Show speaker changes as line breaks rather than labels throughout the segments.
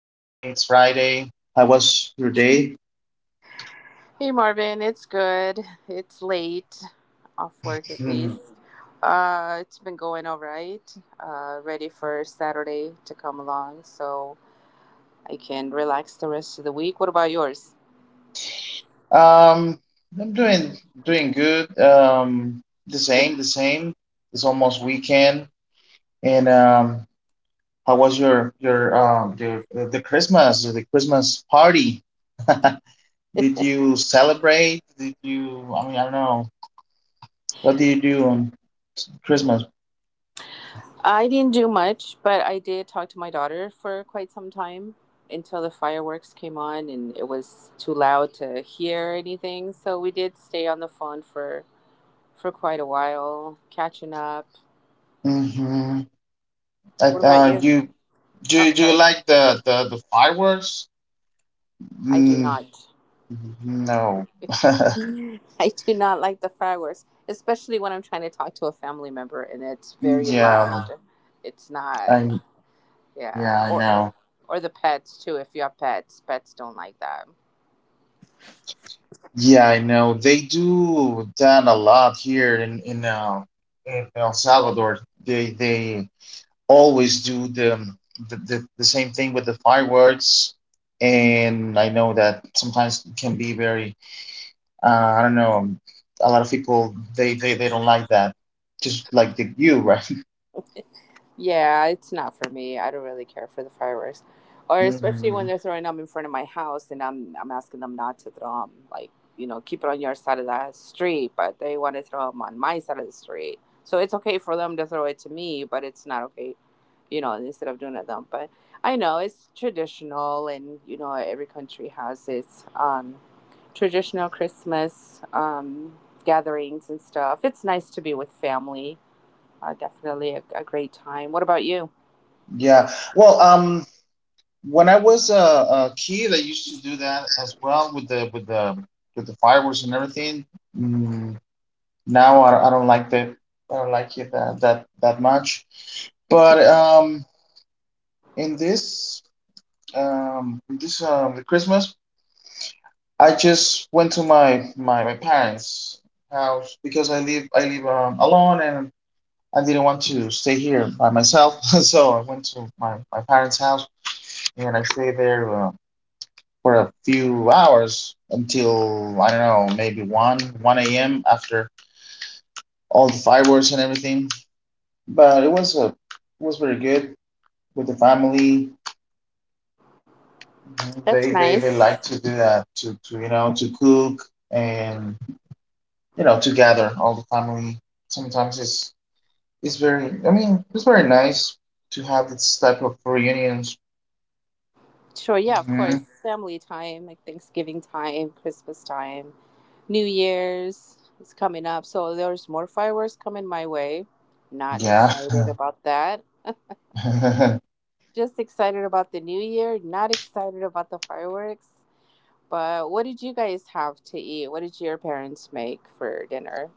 It's Friday. How was your day?
Hey Marvin, it's good. It's late, off work at
Mhm.
least. It's been going all right. Ready for Saturday to come along so I can relax the rest of the week. What about yours?
Um, I'm doing good. The same, the same. It's almost weekend. And how was your the Christmas, the Christmas party? Did you celebrate? Did you? I mean, I don't know. What do you do on Christmas?
I didn't do much, but I did talk to my daughter for quite some time until the fireworks came on and it was too loud to hear anything. So we did stay on the phone for quite a while, catching up.
Mhm.
What
Like
about you?
you do
Oh,
you, do you
sorry.
like the fireworks?
I do
Mm,
not.
no.
I do not like the fireworks, especially when I'm trying to talk to a family member and it's very
Yeah,
loud. It's not,
I
yeah,
yeah I
or
know.
or the pets too. If you have pets, pets don't like that.
Yeah, I know. They do that a lot here in in El Salvador. They always do the same thing with the fireworks. And I know that sometimes it can be very uh, I don't know. A lot of people they don't like that. Just like the you, right?
Yeah, it's not for me. I don't really care for the fireworks, or especially when
Mhm.
they're throwing them in front of my house, and I'm asking them not to throw them. Keep it on your side of the street, but they want to throw them on my side of the street. So it's okay for them to throw it to me, but it's not okay, instead of doing it them. But I know it's traditional, and every country has its traditional Christmas gatherings and stuff. It's nice to be with family. Definitely a great time. What about you?
Yeah. Well, when I was a kid, I used to do that as well with the with the fireworks and everything. Mm, now I don't like that. I don't like it that much. But in this in this the Christmas, I just went to my parents' house because I live alone and I didn't want to stay here by myself. So I went to my parents' house and I stayed there for a few hours until I don't know, maybe one a.m. after all the fireworks and everything. But it was it was very good with the family. Mhm.
That's
They
nice.
like to do that to to cook and to gather all the family. Sometimes it's very it's very nice to have this type of reunions.
Sure, yeah, of course.
Hmm.
Family time, like Thanksgiving time, Christmas time, New Year's is coming up. So there's more fireworks coming my way. Not
Yeah.
excited about that. Just excited about the new year. Not excited about the fireworks. But what did you guys have to eat? What did your parents make for dinner?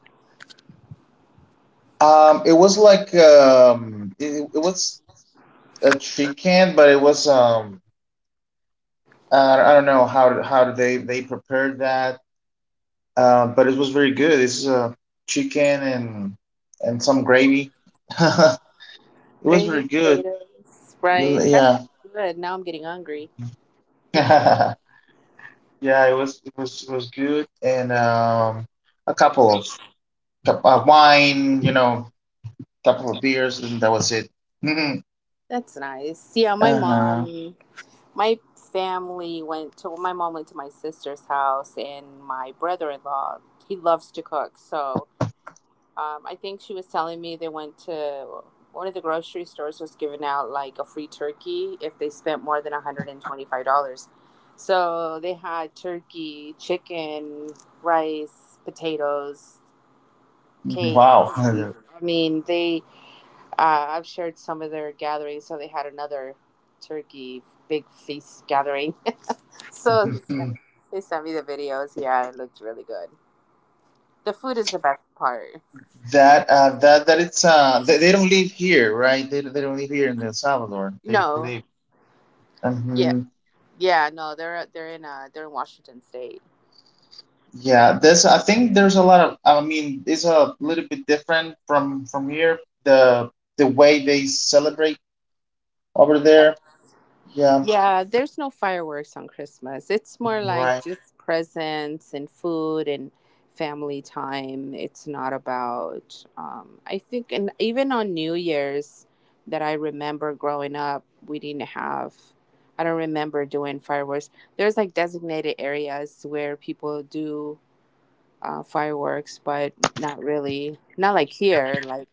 It was like it was a chicken, but it was I don't know how they prepared that, but it was very good. It's chicken and some gravy. It was
Gravy,
very good.
potatoes, rice. That
Yeah,
sounds good. Now I'm getting hungry.
yeah, it was good, and a couple of cup of wine, you know, couple of beers, and that was it.
That's nice. Yeah, my
Uh-huh.
mom My family went to my mom went to my sister's house, and my brother-in-law, he loves to cook. So I think she was telling me they went to one of the grocery stores was giving out like a free turkey if they spent more than $125. So they had turkey, chicken, rice, potatoes,
Mm-hmm.
cake,
Wow.
cookies. I mean, they I've shared some of their gatherings, so they had another turkey big feast gathering. So they sent me the videos. Yeah, it looked really good. The food is the best part.
That it's they don't live here, right? They don't live here in El Salvador. They
No,
live.
yeah,
Hmm.
yeah, no, they're in they're in Washington State.
Yeah, there's I think there's a lot of it's a little bit different from here the way they celebrate over
Yes.
there. Yeah,
Yeah, there's no fireworks on Christmas. It's more
mm,
like
right.
just presents and food and family time. It's not about I think and even on New Year's that I remember growing up, we didn't have I don't remember doing fireworks. There's like designated areas where people do fireworks, but not really. Not like here. Like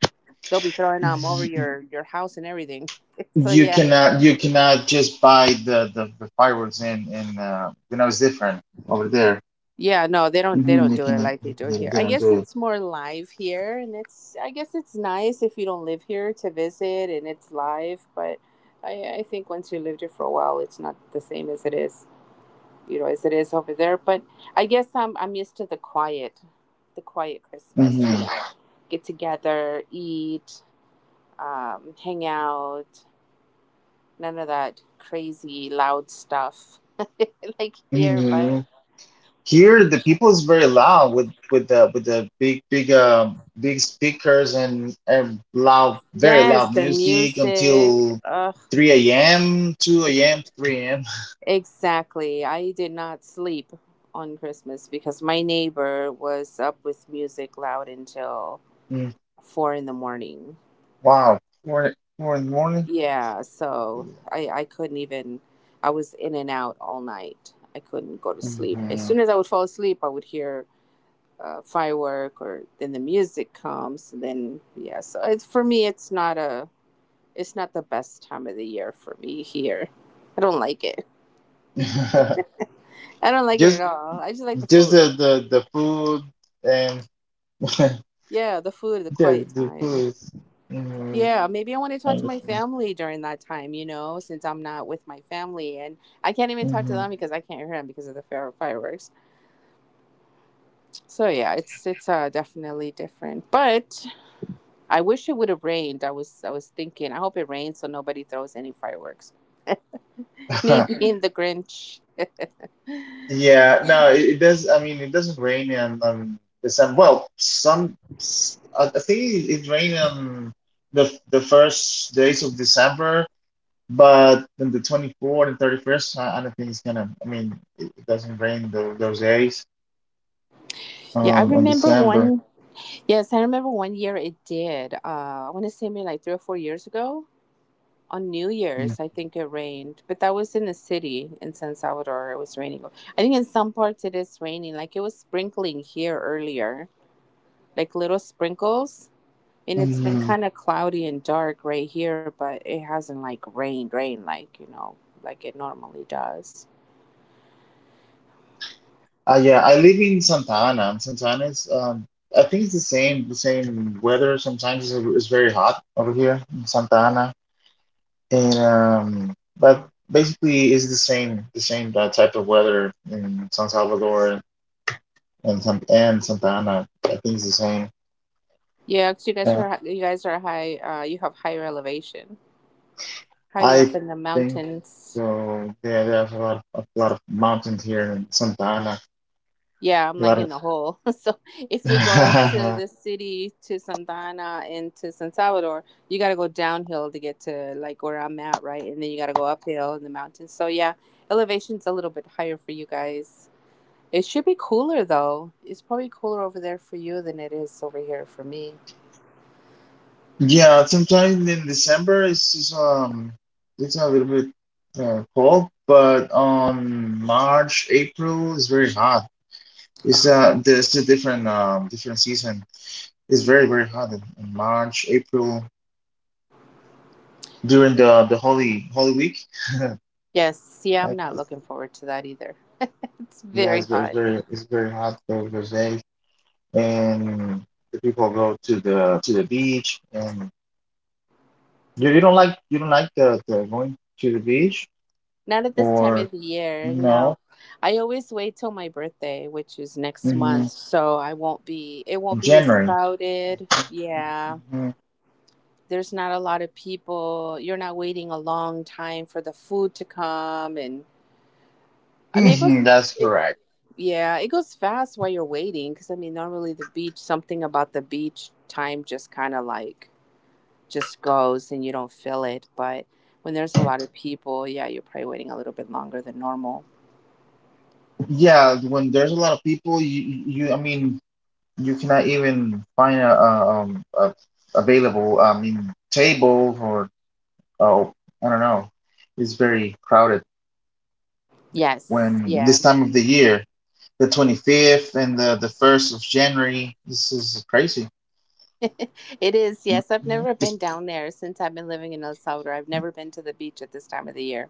they'll be throwing them over
Y-
your house and everything. So yeah,
You cannot just buy the fireworks in you know it's different over there.
yeah. No, they don't. They
Hmm.
don't
You
do
can
it like they do here.
they
I
don't do
guess
it.
it's more live here, and it's. I guess it's nice if you don't live here to visit, and it's live. But I think once you lived here for a while, it's not the same as it is. You know, as it is over there. But I guess I'm used to the quiet Christmas.
Hmm.
You know, get together, eat, hang out, none of that crazy loud stuff like here, but
Here, the people is very loud with with the big speakers and loud very
yes,
loud
the
music
music.
until
Ugh,
3 a.m., 2
ex-
a.m., 3 a.m.
exactly. I did not sleep on Christmas because my neighbor was up with music loud until
Mm,
4 in the morning.
wow, four in the morning.
Yeah, so I couldn't even. I was in and out all night. I couldn't go to sleep. As
Mhm.
soon as I would fall asleep, I would hear firework or then the music comes. And then yeah, so it's for me it's not a it's not the best time of the year for me here. I don't like it. I don't like it at
Just
all. I just like the
just
food.
the food and
Yeah, the food, the
yeah
quiet
the
time.
food. Is- mhm,
Yeah, maybe I want to
I
talk to my
understand.
family during that time, since I'm not with my family and I can't even talk to
Mhm.
them because I can't hear them because of the fireworks. So yeah, it's definitely different. But I wish it would have rained. I was thinking I hope it rains so nobody throws any fireworks. Me being the Grinch.
Yeah, no, it does. I mean, it doesn't rain in December. Well, I think it rained on the first days of December, but then the 24th and 31st, I don't think it's gonna. I mean, it doesn't rain those days
Yeah, I
on
remember
December.
one. Yes, I remember one year it did. I want to say maybe like 3 or 4 years ago on New
Mm.
Year's. I think it rained, but that was in the city in San Salvador. It was raining. I think in some parts it is raining. Like it was sprinkling here earlier, like little sprinkles. And it's been
Mhm.
kind of cloudy and dark right here, but it hasn't like rained, rain like like it normally does.
Yeah, I live in Santa Ana. And Santa Ana is, I think it's the same weather. Sometimes it's very hot over here in Santa Ana. And but basically, it's the same type of weather in San Salvador and Santa Ana. I think it's the same.
Yeah, 'cause
Yeah,
you guys are high. You have higher elevation, higher up
I
in the
think
mountains.
so. Yeah, there's a lot of mountains here in Santa Ana.
Yeah, I'm
A
like
lot
in
of
the hole. So if we go up to the city, to Santana and to San Salvador, you got to go downhill to get to like where I'm at, right? And then you got to go uphill in the mountains. So yeah, elevation's a little bit higher for you guys. It should be cooler though. It's probably cooler over there for you than it is over here for me.
yeah. Sometimes in December, it's just, it's a little bit cold, but on March, April, it's very hot. It's
Ugh.
there's a different different season. It's very, very hot in March, April, during the Holy Week.
Yes, yeah, I'm
Yes,
not
it's-
looking forward to that either. It's
yeah,
very
it's very, it's
hot.
very, it's very hot, very, very safe. And the people go to the beach. And you don't like the going to the beach
Not at this time
or
of the year,
no?
no. I always wait till my birthday, which is next
Hmm.
month, so I won't be it
In
won't be as
January.
crowded. Yeah.
Hmm.
There's not a lot of people. You're not waiting a long time for the food to come, and I mean it goes
Hmm. That's correct.
yeah, it goes fast while you're waiting, cuz I mean normally the beach something about the beach time just kind of like just goes and you don't feel it, but when there's a lot of people, yeah, you're probably waiting a little bit longer than normal.
Yeah, when there's a lot of people, you cannot even find a available table or oh, I don't know. It's very crowded
Yes.
when
Yeah.
this time of the year, the 25th and the 1st of January. This is crazy.
It is,
Mhm.
yes. I've never
It's,
been down there since I've been living in El Salvador. I've never been to the beach at this time of the year.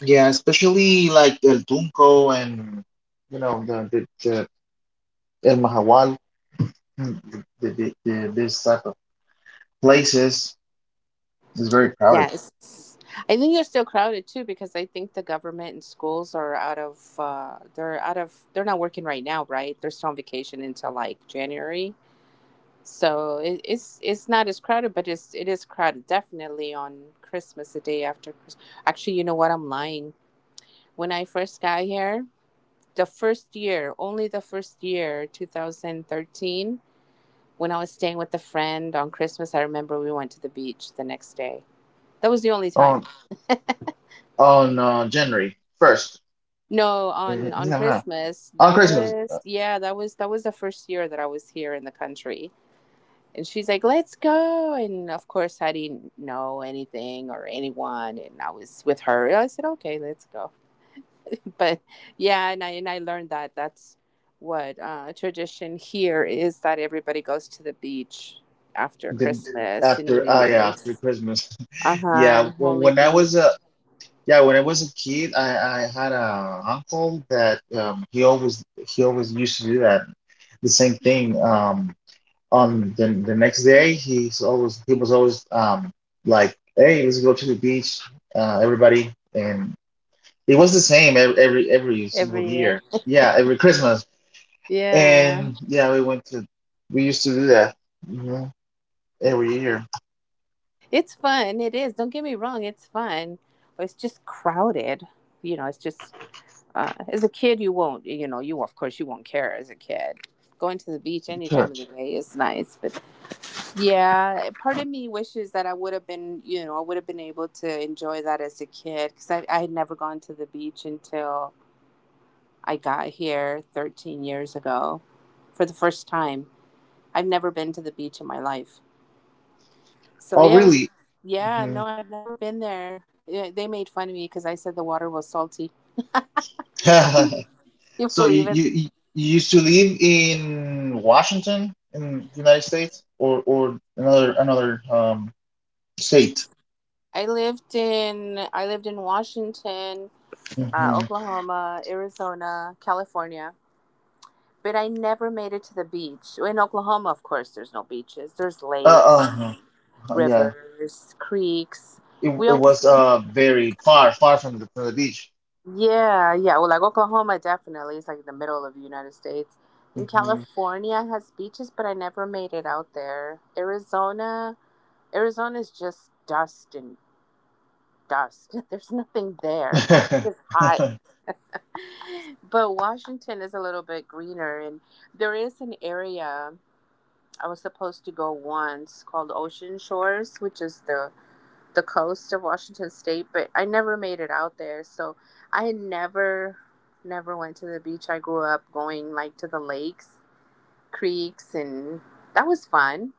yeah, especially like El Tunco and you know the El Mahawal, mm, the this type of places is very crowded
Yes. I think they're still crowded too because I think the government and schools are out of they're out of they're not working right now, right? They're still on vacation until like January. So it's not as crowded, but it's it is crowded definitely on Christmas, the day after Christmas. Actually, you know what? I'm lying. When I first got here, the first year, only the first year, 2013. When I was staying with a friend on Christmas, I remember we went to the beach the next day. That was the only time.
on January 1st.
No, on
Mhm.
on
No, no,
Christmas,
on
that
Christmas.
was yeah, that was the first year that I was here in the country. And she's like, "Let's go." And of course, I didn't know anything or anyone, and I was with her. I said, "Okay, let's go." But yeah, and I learned that that's what tradition here is that everybody goes to the beach after
The
Christmas and New
after ah yeah after
Year's.
Christmas.
Uh huh.
Yeah,
And
well,
Holy
when I
Week
was a Yeah, when I was a kid, I had a uncle that he always used to do that, the same thing. On the next day, he was always like, hey, let's go to the beach, everybody, and it was the same every single
every year.
year. Yeah, every Christmas,
Yeah,
and yeah, we used to do that hmm every year.
it's fun. It is. Don't get me wrong. It's fun. But it's just crowded. You know, it's just as a kid, you won't. You know, you of course you won't care as a kid. Going to the beach any
Sure.
time of the day is nice, but yeah, part of me wishes that I would have been, you know, I would have been able to enjoy that as a kid because I had never gone to the beach until I got here 13 years ago for the first time. I've never been to the beach in my life. So
Oh,
yeah, it was.
really?
Yeah,
Hmm.
no, I've never been there. Yeah, they made fun of me because I said the water was salty. You
So you
believe it?
you you you used to live in Washington in the United States or another state.
I lived in Washington,
Hmm.
Oklahoma, Arizona, California, but I never made it to the beach. In Oklahoma, of course, there's no beaches. There's
Uh,
lakes,
uh
and
yeah.
rivers, creeks.
It
We
it
always
was
went
very far from the beach.
yeah, yeah. Well, like Oklahoma, definitely is like the middle of the United States. In
Hmm.
California it has beaches, but I never made it out there. Arizona is just dust and dust. There's nothing there. It's hot. But Washington is a little bit greener, and there is an area I was supposed to go once called Ocean Shores, which is the coast of Washington State, but I never made it out there. So I never, never went to the beach. I grew up going like to the lakes, creeks, and that was fun,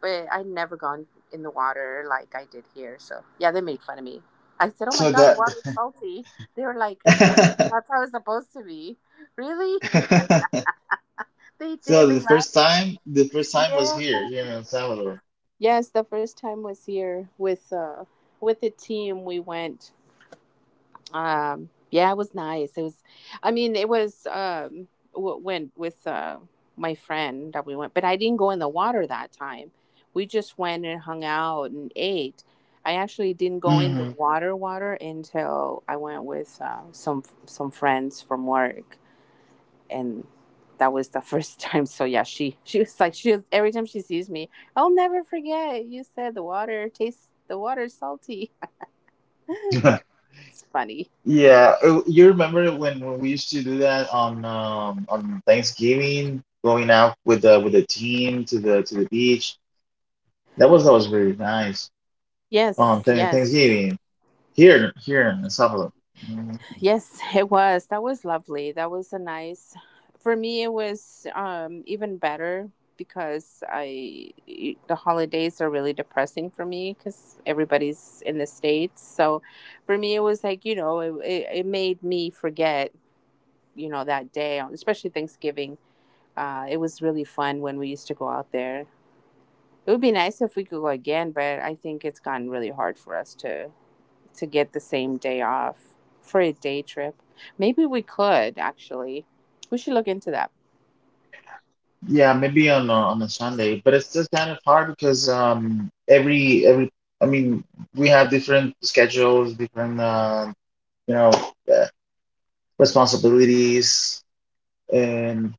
but I'd never gone in the water like I did here. So yeah, they made fun of me. I said, oh my
So
God, the
that
water's salty. They were like, yeah, that's how it's supposed to be. Really? They did.
so
They laughed.
the first time
Yeah.
was here here in El Salvador.
Yes, the first time was here with with the team we went. Yeah, it was nice. It was, I mean, it was w- when with my friend that we went, but I didn't go in the water that time. We just went and hung out and ate. I actually didn't go in the
Hmm.
water until I went with some friends from work, and that was the first time. So yeah, she was like, every time she sees me, I'll never forget. You said the water is salty. That's funny.
Yeah, you remember when we used to do that on Thanksgiving, going out with the team to the beach. That was always very nice.
Yes, yes.
Thanksgiving here here in El Salvador. Mm,
Yes, it was. That was lovely. That was a nice. For me, it was even better because I the holidays are really depressing for me because everybody's in the States. So for me, it was like it made me forget that day, especially Thanksgiving. It was really fun when we used to go out there. It would be nice if we could go again, but I think it's gotten really hard for us to get the same day off for a day trip. Maybe we could actually. We should look into that.
yeah, maybe on on a Sunday, but it's just kind of hard because every I mean we have different schedules, different you know uh, responsibilities, and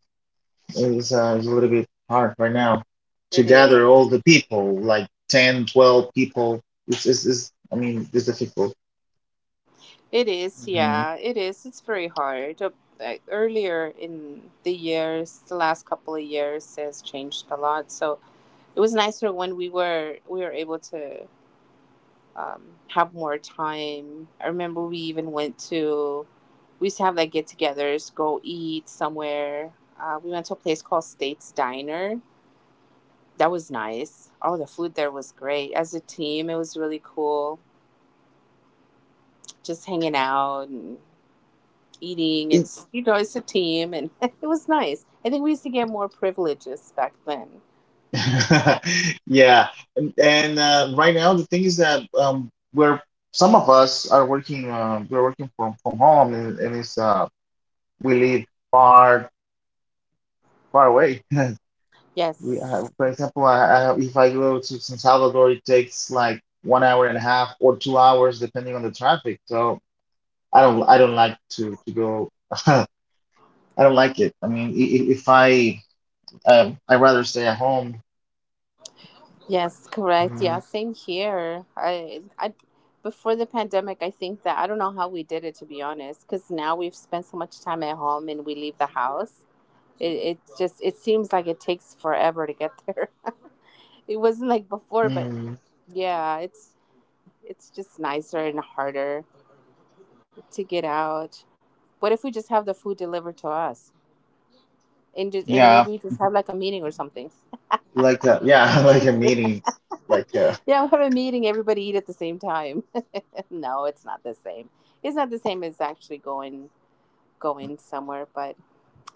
it's, it's a little bit hard right now to
It is.
gather all the people, like 10, 12 people. It's, it's it's difficult.
It is.
Mhm.
Yeah, it is. It's very hard. Like, earlier in the years, the last couple of years has changed a lot. So it was nicer when we were able to have more time. I remember we used to have like get-togethers, go eat somewhere. We went to a place called States Diner. That was nice. Oh, the food there was great. As a team, it was really cool. Just hanging out and eating.
It-
It's a team, and it was nice. I think we used to get more privileges back then.
Yeah. And right now, the thing is that we're some of us are working, we're working from home, and it's we live far, far away. We,
Yes.
for example, I, if I go to San Salvador, it takes like 1 hour and a half or 2 hours, depending on the traffic. So, I don't like to go. I don't like it. I mean, if I I rather stay at home.
Yes, correct.
Mm,
Yeah, same here. I, before the pandemic, I think that I don't know how we did it to be honest, because now we've spent so much time at home and we leave the house. It just, it seems like it takes forever to get there. It wasn't like before, but
mm,
yeah, it's just nicer and harder to get out. What if we just have the food delivered to us? And
yeah,
maybe we just have like a meeting or something.
like a, yeah, like a meeting, like
Yeah, we have a meeting, everybody eat at the same time. No, it's not the same. It's not the same as actually going somewhere, but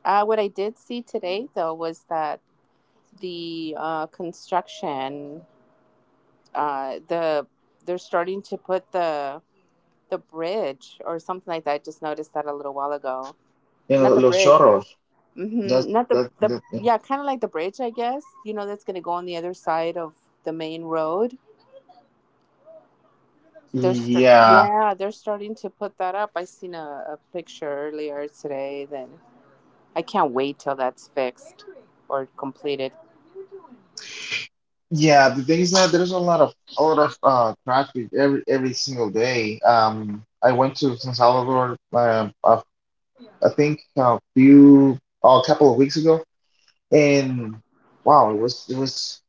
what I did see today though was that the construction, uh, the they're starting to put the bridge or something like that. I just noticed that a little while ago.
you
Not
know
the
los
bridge.
chorros.
Hmm.
That's
Not the
that
the
that.
yeah, kind of like the bridge, I guess. You know, that's going to go on the other side of the main road.
Yeah,
Yeah, they're starting to put that up. I seen a picture earlier today. Then I can't wait till that's fixed or completed.
yeah. The thing is that there's a lot of traffic every single day. I went to San Salvador. I think a couple of weeks ago, and wow, it was it was.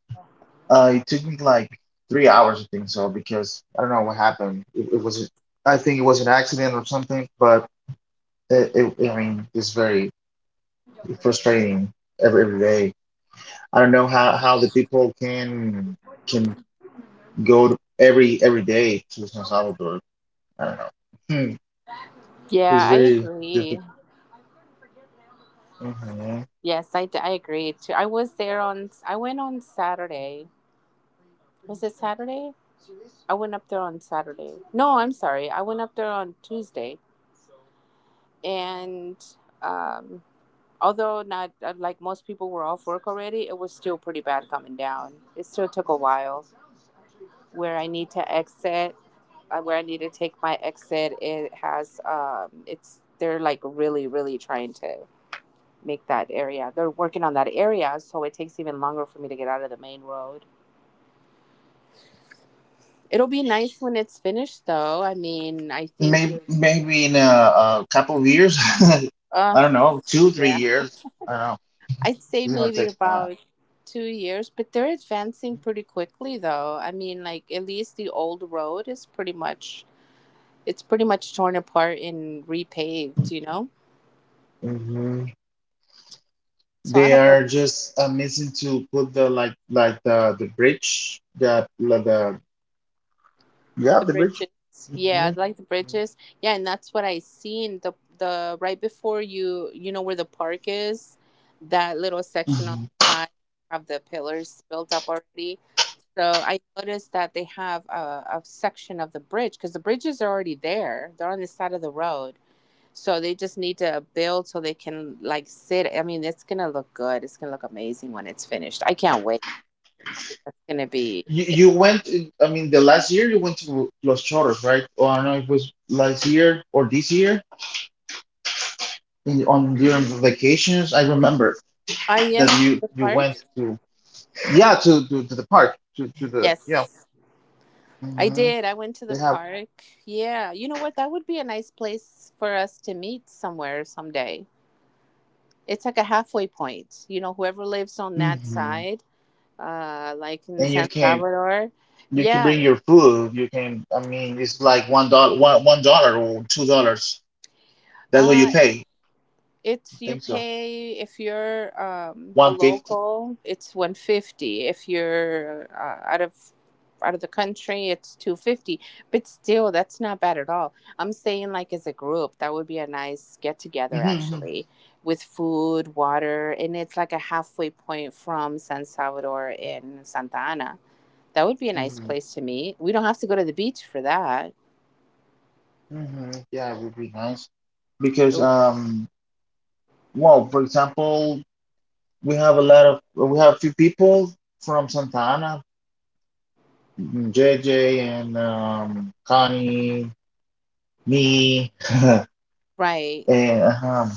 It took me like 3 hours, I think so, because I don't know what happened. It, I think it was an accident or something, but I mean, it's very frustrating every day. I don't know how the people can go to every day to San Salvador. I don't know. Hmm.
Yeah,
It's
I
very difficult.
agree.
Hmm.
Yes, I agree too. I went on Saturday. Was it Saturday? I went up there on Saturday. No, I'm sorry. I went up there on Tuesday and. Um. Although not like most people were off work already, it was still pretty bad coming down. It still took a while. Where I need to exit, where I need to take my exit, it has it's they're like really really trying to make that area. They're working on that area, so it takes even longer for me to get out of the main road. It'll be nice when it's finished, though. I mean, I think
Maybe
you're.
maybe in a couple of years,
Uh,
I don't know, two three
yeah.
years. I don't know.
I'd say
It's gonna
maybe
take a while.
about 2 years, but they're advancing pretty quickly though. I mean, like at least the old road is pretty much torn apart and repaved.
Mm-hmm.
So I
They
hope the,
are just missing to put the like the yeah
the
the bridge.
bridges, yeah, I
Hmm.
like the bridges, yeah, and that's what I seen the right before where the park is, that little section on
Hmm.
the side have the pillars built up already. So I noticed that they have a section of the bridge because the bridges are already there. They're on the side of the road. So they just need to build so they can like sit. I mean, it's gonna look good. It's gonna look amazing when it's finished. I can't wait. That's gonna be.
You you went. In- I mean, the last year you went to Los Chorros, right? Or I don't know if it was last year or this year in on during the vacations. I remember that
Yes, to
you
the
you
park.
went to yeah to to the park to the yeah.
Yes, I
Hmm.
did. I went to the
They have.
park. Yeah, you know what? That would be a nice place for us to meet somewhere someday. It's like a halfway point. You know, whoever lives on that
Hmm.
side like in
And you
San
came.
Salvador.
You can bring
Yeah,
your food. You can. I mean, it's like $1, one dollar or $2. That's what
uh,
you pay. I
it's you
think so.
pay if you're a
1.50.
local, it's 1.50. If you're out of the country, it's 2.50. But still, that's not bad at all. I'm saying like as a group, that would be a nice get together
Mm-hmm,
actually, with food, water, and it's like a halfway point from San Salvador and Santa Ana. That would be a nice
hmm
place to meet. We don't have to go to the beach for that.
hmm Yeah, it would be nice because
Oh.
well, for example, we have a lot of we have few people from Santa Ana, mm, JJ and Connie, me,
Right.
and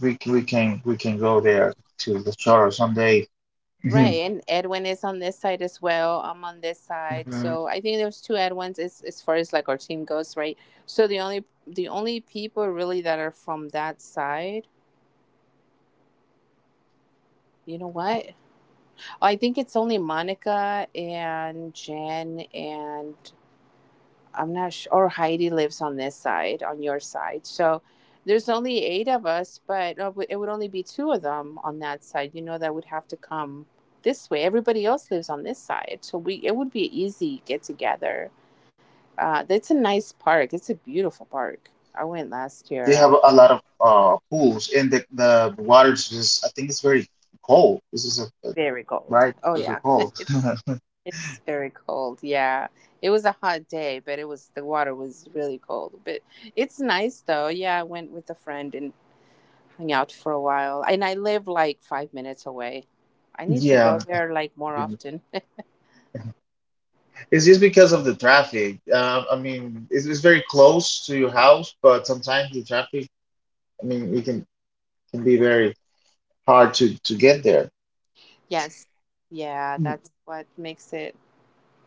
we can go there to the charter someday.
Right, and Edwin is on this side as well. I'm on this side, so I think there's two Edwins as far as like our team goes, right? So the only people really that are from that side, you know what? I think it's only Monica and Jen and I'm not sure, or Heidi lives on this side, on your side. So there's only eight of us, but it would only be two of them on that side. You know, that would have to come this way. Everybody else lives on this side, so we it would be easy get together. That's a nice park. It's a beautiful park. I went last
They
year.
have
I
a lot of pools, and the water is just, I think it's very cold. This is
very cold.
right,
Oh
very
yeah,
cold.
it's very cold. Yeah, it was a hot day, but it was the water was really cold. But it's nice though. Yeah, I went with a friend and hang out for a while. And I live like 5 minutes away. I need to
Yeah,
go there like more
mm.
often.
It's just because of the traffic. I mean, it's very close to your house, but sometimes the traffic, I mean, it can be very hard to get there.
Yes. Yeah,
Mm,
that's what makes it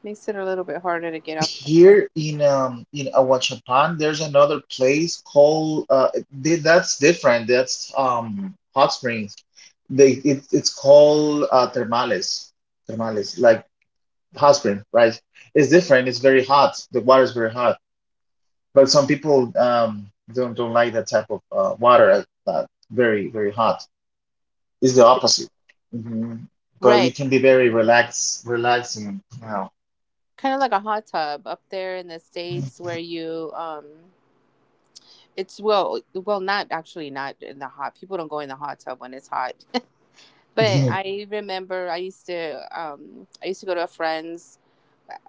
makes it a little bit harder to get up
here in in Ahuachapan, there's another place called that's different. That's Hot Springs. It's called thermales, like hot spring, right? It's different, it's very hot, the water is very hot, but some people don't like that type of water. Very hot, it's the
there.
opposite. Hmm. But it
Right.
can be very relaxing, you know.
Kind of like a hot tub up there in the States where you it's, well, not actually not in the hot. People don't go in the hot tub when it's hot. But I remember I used to go to a friend's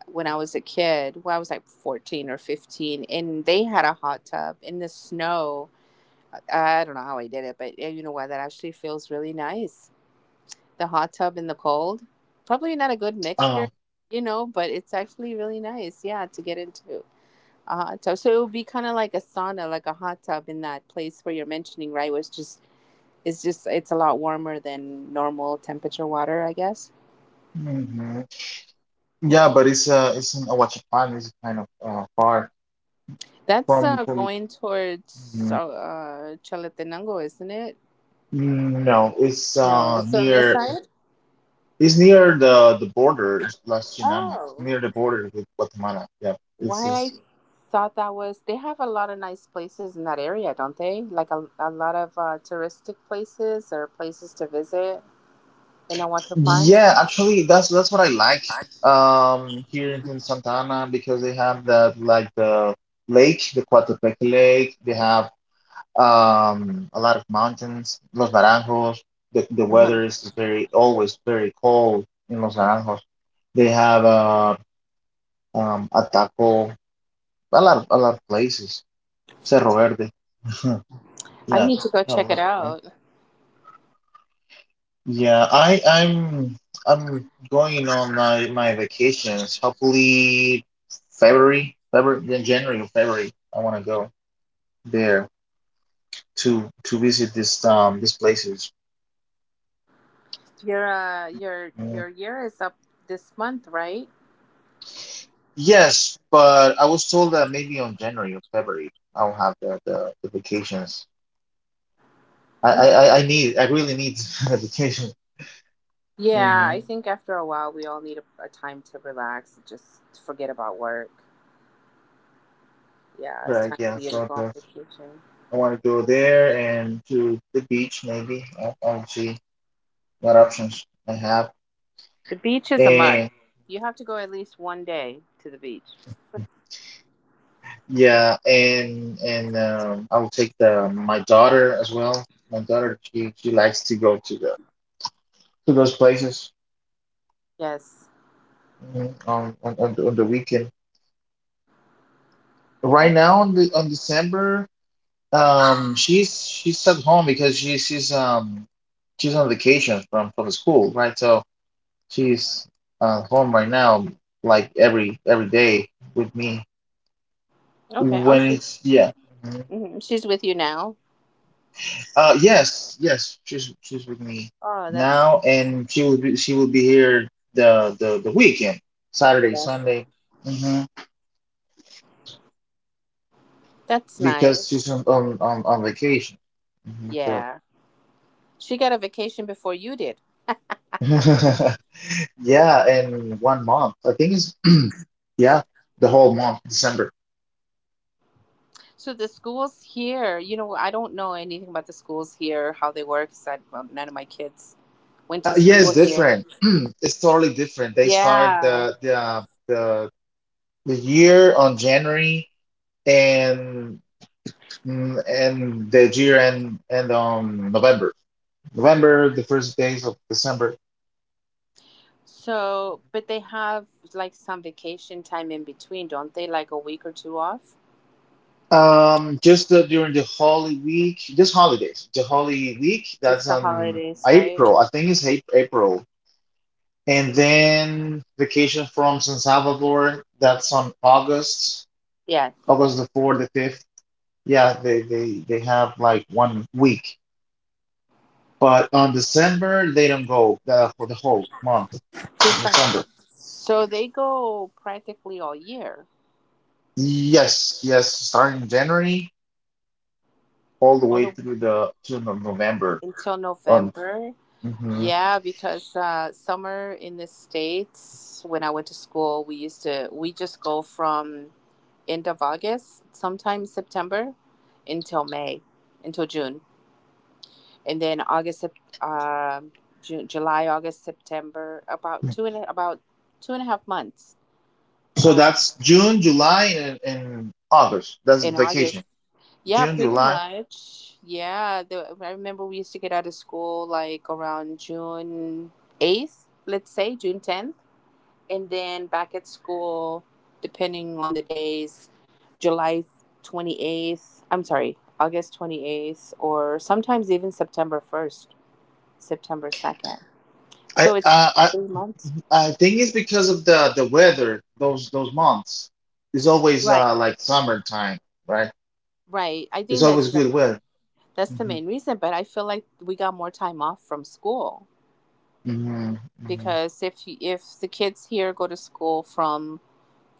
when I was a kid. Well, I was like 14 or 15, and they had a hot tub in the snow. I don't know how I did it, but eh, you know what? That actually feels really nice. The hot tub in the cold. Probably not a good
uh,
mixture, but it's actually really nice, yeah, to get into a hot tub. So it would be kind of like a sauna, like a hot tub in that place where you're mentioning, right? Where it's a lot warmer than normal temperature water, I guess.
mhm. Yeah, but it's in Ahuachapán, it's kind of far
That's
from from
going towards
mhm.
Chalatenango, isn't it?
Mm, no, it's
No, it's on this
near.
side.
It's near the borders, Las Chinamas,
Oh,
near the border with Guatemala. Yeah, this
why I
is.
thought that was they have a lot of nice places in that area, don't they? Like a lot of touristic places or places to visit in Awata Pines.
Yeah, actually, that's what I like here in Santa Ana, because they have that like the lake, the Coatepeque Lake. They have a lot of mountains, Los Naranjos. The
Uh-huh.
weather is very always very cold in Los Naranjos. They have Ataco, a lot of places, Cerro Verde.
I
Yeah,
need to go
yeah, a
check it
lot.
out.
Yeah, I'm going on my vacations. Hopefully February, February, then January or February. I want to go there to visit this these places.
Your uh, your
Mm,
your year is up this month, right?
yes, but I was told that maybe on January or February I'll have the vacations. I, I
Okay.
I I need, I really need a vacation.
Yeah, I
Hmm.
think after a while we all need a time to relax and just forget about work. Yeah, it's
Right.
time
Yeah.
for you to
So
go on
the,
vacation.
I want to go there and to the beach maybe. I'll see what options I have.
The beach is a must.
And
You have to go at least one day to the beach.
yeah, and I will take the my daughter as well. My daughter, she likes to go to the to those places,
Yes.
mhm, on the weekend. Right
That's
now on the on December, she's at home because she's on vacation from the school, right? So she's home right now, like every day with me.
okay. Oh,
When
she's,
it's, yeah. Mm-hmm.
mhm, she's with you now.
Yes, yes, she's with me
Oh, that's
now, and she will be here the weekend, Saturday,
yes.
Sunday, hmm,
That's nice.
because she's on vacation. Hmm. So
Yeah. She got a vacation before you did.
yeah, and 1 month, I think it's yeah, the whole month, December.
So the schools here, I don't know anything about the schools here, how they work. 'Cause well, none of my kids went to
Yeah, it's
school here.
different. It's totally different. They start
Yeah.
the year on January and mm, and on November. November, the first days of December.
So, but they have like some vacation time in between, don't they? Like a week or two off.
Just During the Holy Week, just holidays, the Holy Week,
Just
that's
the
on
holidays, right?
April, I think it's April. And then vacation from San Salvador, that's on August,
Yeah,
August the 4th, the 5th. Yeah, they have like 1 week. But on December, they don't go for the whole month, in
just the
December.
holidays. So they go practically all year,
Yes, yes, starting January all the
all
way
the
through the to no- November.
until
On.
November. Yeah, because summer in the States, when I went to school, we just go from end of August, sometimes September, until May, until June. And then August, June, July, August, September, about 2.5 months
So
uh,
that's June, July, and August. That's
in August.
vacation.
Yeah,
June,
pretty
July.
much. Yeah, I remember we used to get out of school like around June 8th, let's say June 10th, and then back at school, depending on the days, July 28th, I'm sorry, August 28th, or sometimes even September 1st, September 2nd.
I,
So it's
I I
3 months.
I think it's because of the weather. Those months, it's always
Right.
like summertime, right?
Right. I
It's
think
always
that's the,
good weather.
that's the main reason, but I feel like we got more time off from school,
Hmm. Hmm.
because if the kids here go to school from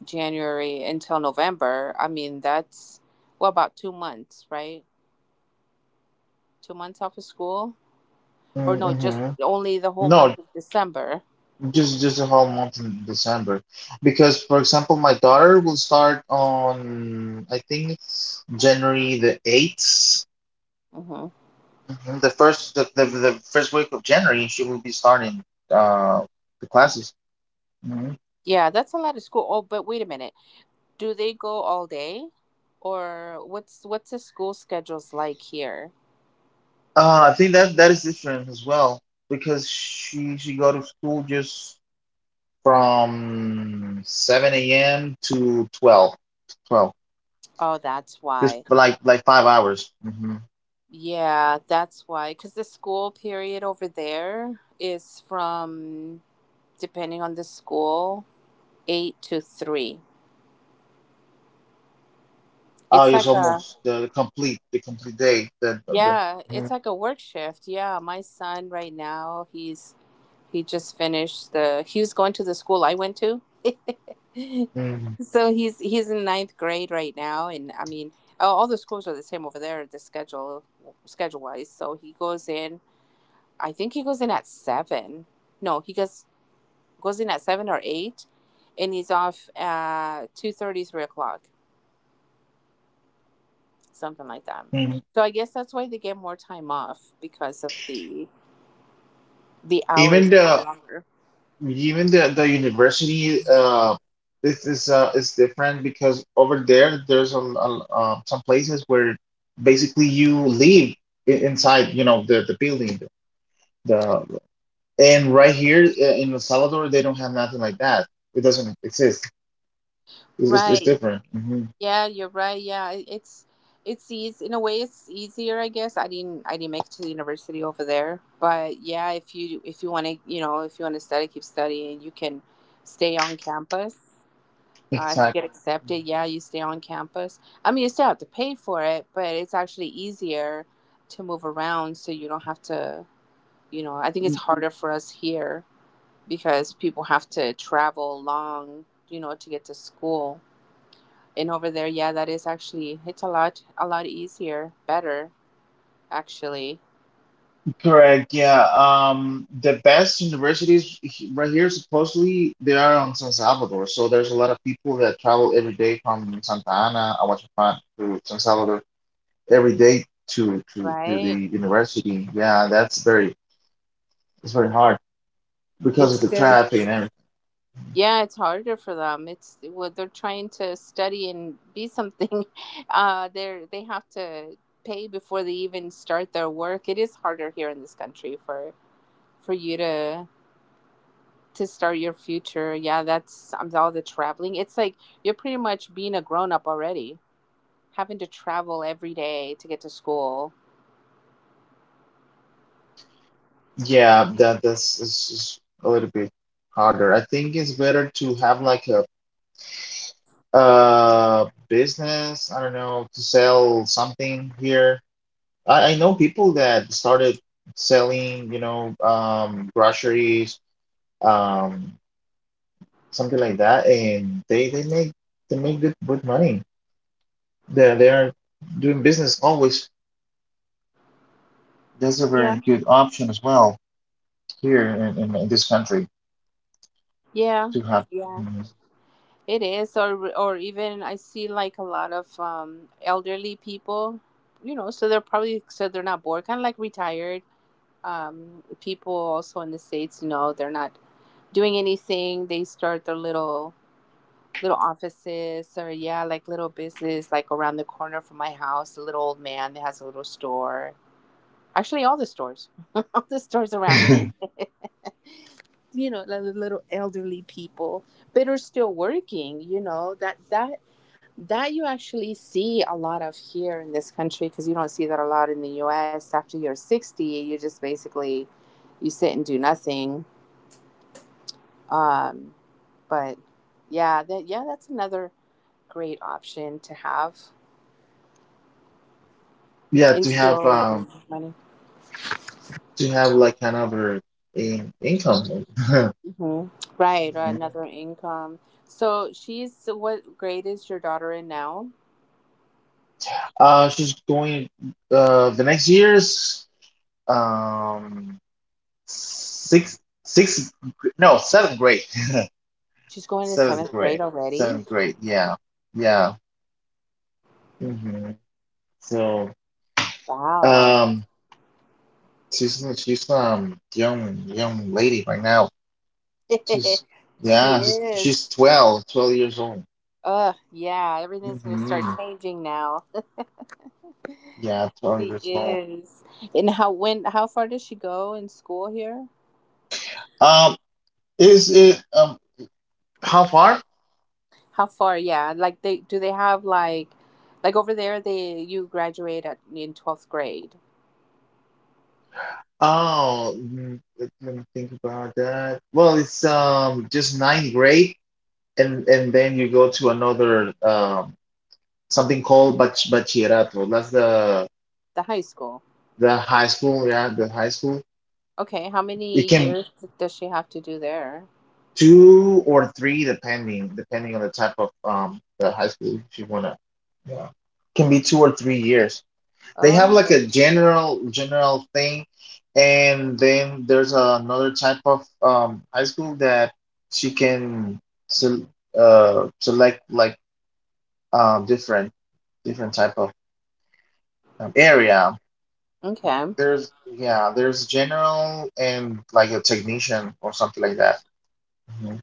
January until November, I mean that's well about 2 months, right? 2 months off of school, or no,
Hmm.
just
Hmm.
only the whole
No,
month of December.
just a whole month in December, because for example, my daughter will start on, I think it's January the eighth.
Hmm.
Mhm. The first the first week of January, she will be starting uh, the classes. Hmm.
Yeah, that's a lot of school. Oh, but wait a minute, do they go all day, or what's the school schedules like here?
I think that is different as well because she go to school just from 7 a.m. to 12, 12
Oh, that's
just
why.
for like 5 hours. Hmm.
Yeah, that's why. Because the school period over there is from, depending on the school, eight to three.
Oh,
It's
it's
like a,
almost the complete day. The
yeah, it's
mhm.
like a work shift. Yeah, my son right now, he just finished the he was going to the school I went to,
Mhm.
so he's in ninth grade right now, and I mean all the schools are the same over there, the schedule wise. So he goes in. I think he goes in at seven. No, he goes in at seven or eight, and he's off at 2:30, 3 o'clock, something like that.
Mhm.
So I guess that's why they get more time off, because of the
even
hours are
the
longer.
Even the university, this is different, because over there there's a, some places where basically you live inside, you know, the building, the and right here, in El Salvador they don't have nothing like that, it doesn't exist, it's
Right.
different. Hmm.
Yeah, you're right. Yeah, it's easy in a way. It's easier, I guess. I didn't make it to the university over there, but yeah, if you want to, you know, if you want to study, keep studying. You can stay on campus. If you get accepted, yeah, you stay on campus. I mean, you still have to pay for it, but it's actually easier to move around, so you don't have to. You know, I think it's harder for us here because people have to travel long, you know, to get to school. And over there, yeah, that is actually, it's a lot easier, better actually,
Correct. Yeah. The best universities right here, supposedly, they are on San Salvador. So there's a lot of people that travel every day from Santa Ana, Aguachapán, to San Salvador every day to
right?
the university. Yeah, that's very, it's very hard because of
It's
the
very
traffic and everything.
yeah, it's harder for them. It's what they're trying to study and be something. They have to pay before they even start their work. It is harder here in this country for you to start your future. Yeah, that's all the traveling. It's like you're pretty much being a grown up already, having to travel every day to get to school.
Yeah, that's is a little bit harder. I think it's better to have like a business. I don't know, to sell something here. I know people that started selling, you know, groceries, um, something like that, and they make good money. They're doing business always. That's a
Yeah.
very good option as well here in this country
Yeah,
to have.
yeah, it is. Or even I see like a lot of elderly people, you know, so they're probably, so they're not bored, kind of like retired people also in the states, you know, they're not doing anything. They start their little offices or, yeah, like little business, like around the corner from my house, a little old man that has a little store. Actually, all the stores, all the stores around me,
Mhm.
you know, like the little elderly people but are still working, you know, that you actually see a lot of here in this country, because you don't see that a lot in the US. After you're 60, you just basically, you sit and do nothing. um, but yeah, that's another great option to have,
yeah,
and still, you know, money.
to have like another income.
Hmm. Right. Or
Mhm.
another income. So what grade is your daughter in now?
She's going the next years. Um. Sixth, sixth, gr- no, Seventh grade,
She's going to
seventh
seventh grade
grade,
already.
seventh grade. Yeah, yeah. Hmm. So,
Wow.
um, she's young young lady right now. She's
She
yeah,
is.
she's 12, twelve years old.
Ugh, yeah, everything's gonna start
Hmm.
changing now.
Yeah, twelve
She
years old.
is. And how far does she go in school here?
Um, is it how far?
How far, yeah. Like, they have, like, over there, they you graduate at in 12th grade.
Oh, mm, let me think about that. Well, it's just ninth grade, and then you go to another. Something called bachillerato. That's
The high school.
the high school, yeah, the high school.
Okay, how
It
many
can
years does she have to do there?
two or three, depending on the type of the high school, if you wanna, yeah. Can be 2 or 3 years. They have like
Oh.
a general thing, and then there's another type of high school that she can sel- select like different type of area.
Okay.
There's, yeah, there's general and like a technician or something like that. Mhm.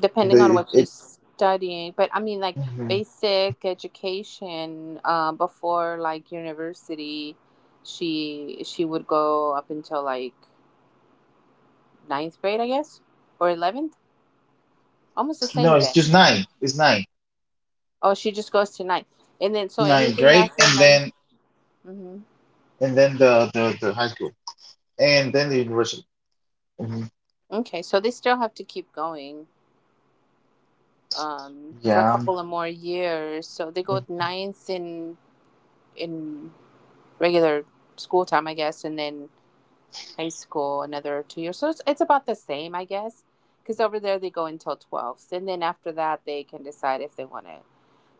Depending on
The
what
it
she's studying. But I mean, like
mhm.
basic education, before, like, university, she would go up until, like, ninth grade, I guess, or 11th, almost the
No,
same
it's
then.
just nine. It's nine,
Oh, she just goes to ninth, and then so
nine
anything
grade,
after
and
ninth,
then
mm-hmm.
the the high school, and then the university. Mhm.
Okay, so they still have to keep going, for a
Yeah,
couple of more years. So they
mm,
go ninth in regular school time, I guess, and then high school another 2 years. So it's about the same, I guess, because over there they go until 12th. And then after that, they can decide if they want to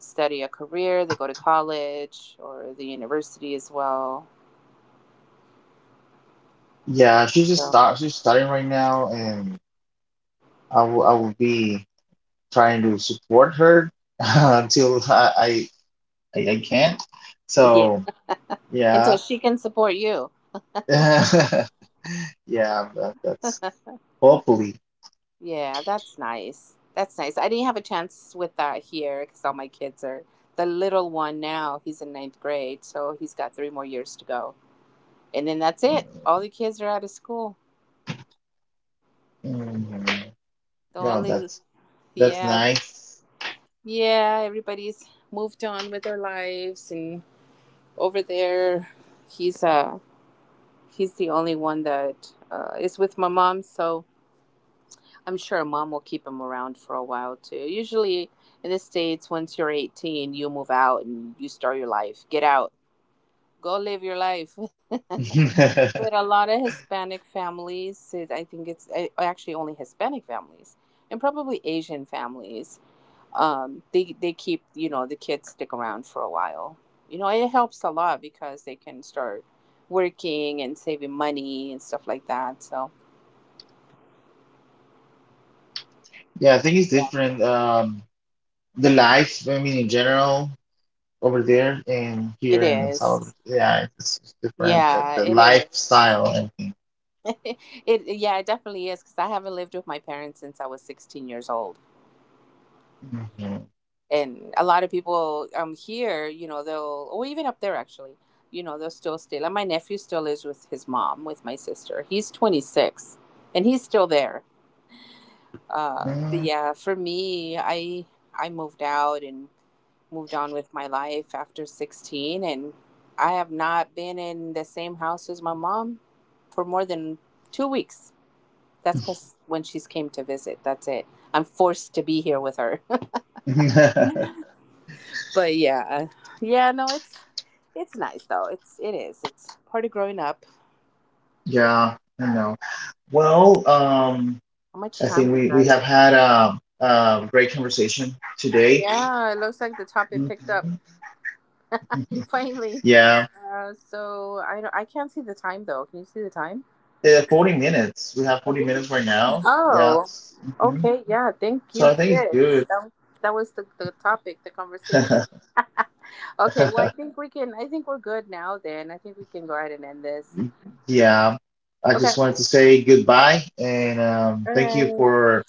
study a career, they go to college or the university as well.
yeah. She's just
So,
start. She's starting right now, and I will be trying to support her until I can.
yeah,
So yeah,
until she can support you.
yeah. That's hopefully.
Yeah, that's nice. That's nice. I didn't have a chance with that here because all my kids are, the little one now, he's in ninth grade, so he's got 3 more years to go. And then that's it. All the kids are out of school.
Mhm.
The
No,
only,
that's
yeah,
nice.
yeah, everybody's moved on with their lives, and over there, he's uh he's the only one that, is with my mom. So I'm sure mom will keep him around for a while too. Usually in the states, once you're 18, you move out and you start your life. Get out, go live your life. But a lot of Hispanic families, I think it's actually only Hispanic families, and probably Asian families. They keep, you know, the kids stick around for a while. You know, it helps a lot because they can start working and saving money and stuff like that. So
Yeah, I think it's
yeah,
different. The life, I mean, in general, over there and
it
here in El
is.
Salvador, yeah, it's different.
Yeah,
The
it is.
lifestyle, I think.
It definitely is, because I haven't lived with my parents since I was 16 years old,
Mhm.
and a lot of people here, you know, they'll, or even up there actually, you know, they'll still stay. Like my nephew still lives with his mom, with my sister. He's 26, and he's still there. But yeah, for me, I moved out and moved on with my life after 16, and I have not been in the same house as my mom for more than 2 weeks. That's because when she's came to visit, that's it. I'm forced to be here with her.
Mhm.
But yeah, yeah, no, it's nice though. It's, it is. It's part of growing up.
Yeah, I know. Well,
How much
I
time
think
we
we
got? It?
have had a great conversation today.
Yeah, it looks like the topic picked up
Mhm.
finally.
Yeah,
So I can't see the time though. Can you see the time?
40 minutes. We have 40 minutes right now. Yeah.
Oh, okay. Yeah. Thank
So
you,
I think it's
kids.
good.
That was the topic, the conversation. Okay. Well, I think we're good now then. I think we can go ahead and end this.
Yeah, I
Okay.
just wanted to say goodbye and
All
thank you
right.
for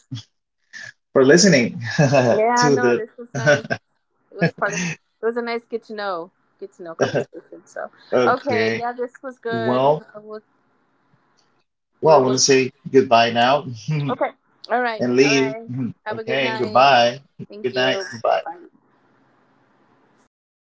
for listening to
Yeah. No,
the.
this was nice. It was part of, it was a nice get to know conversation. So, okay.
Okay,
Yeah. This was good.
well,
We
I want
will,
to say goodbye now and
okay. All right. All
leave.
right. Have a good
Okay,
night.
goodbye.
Thank
Good night.
you.
Bye.
Bye.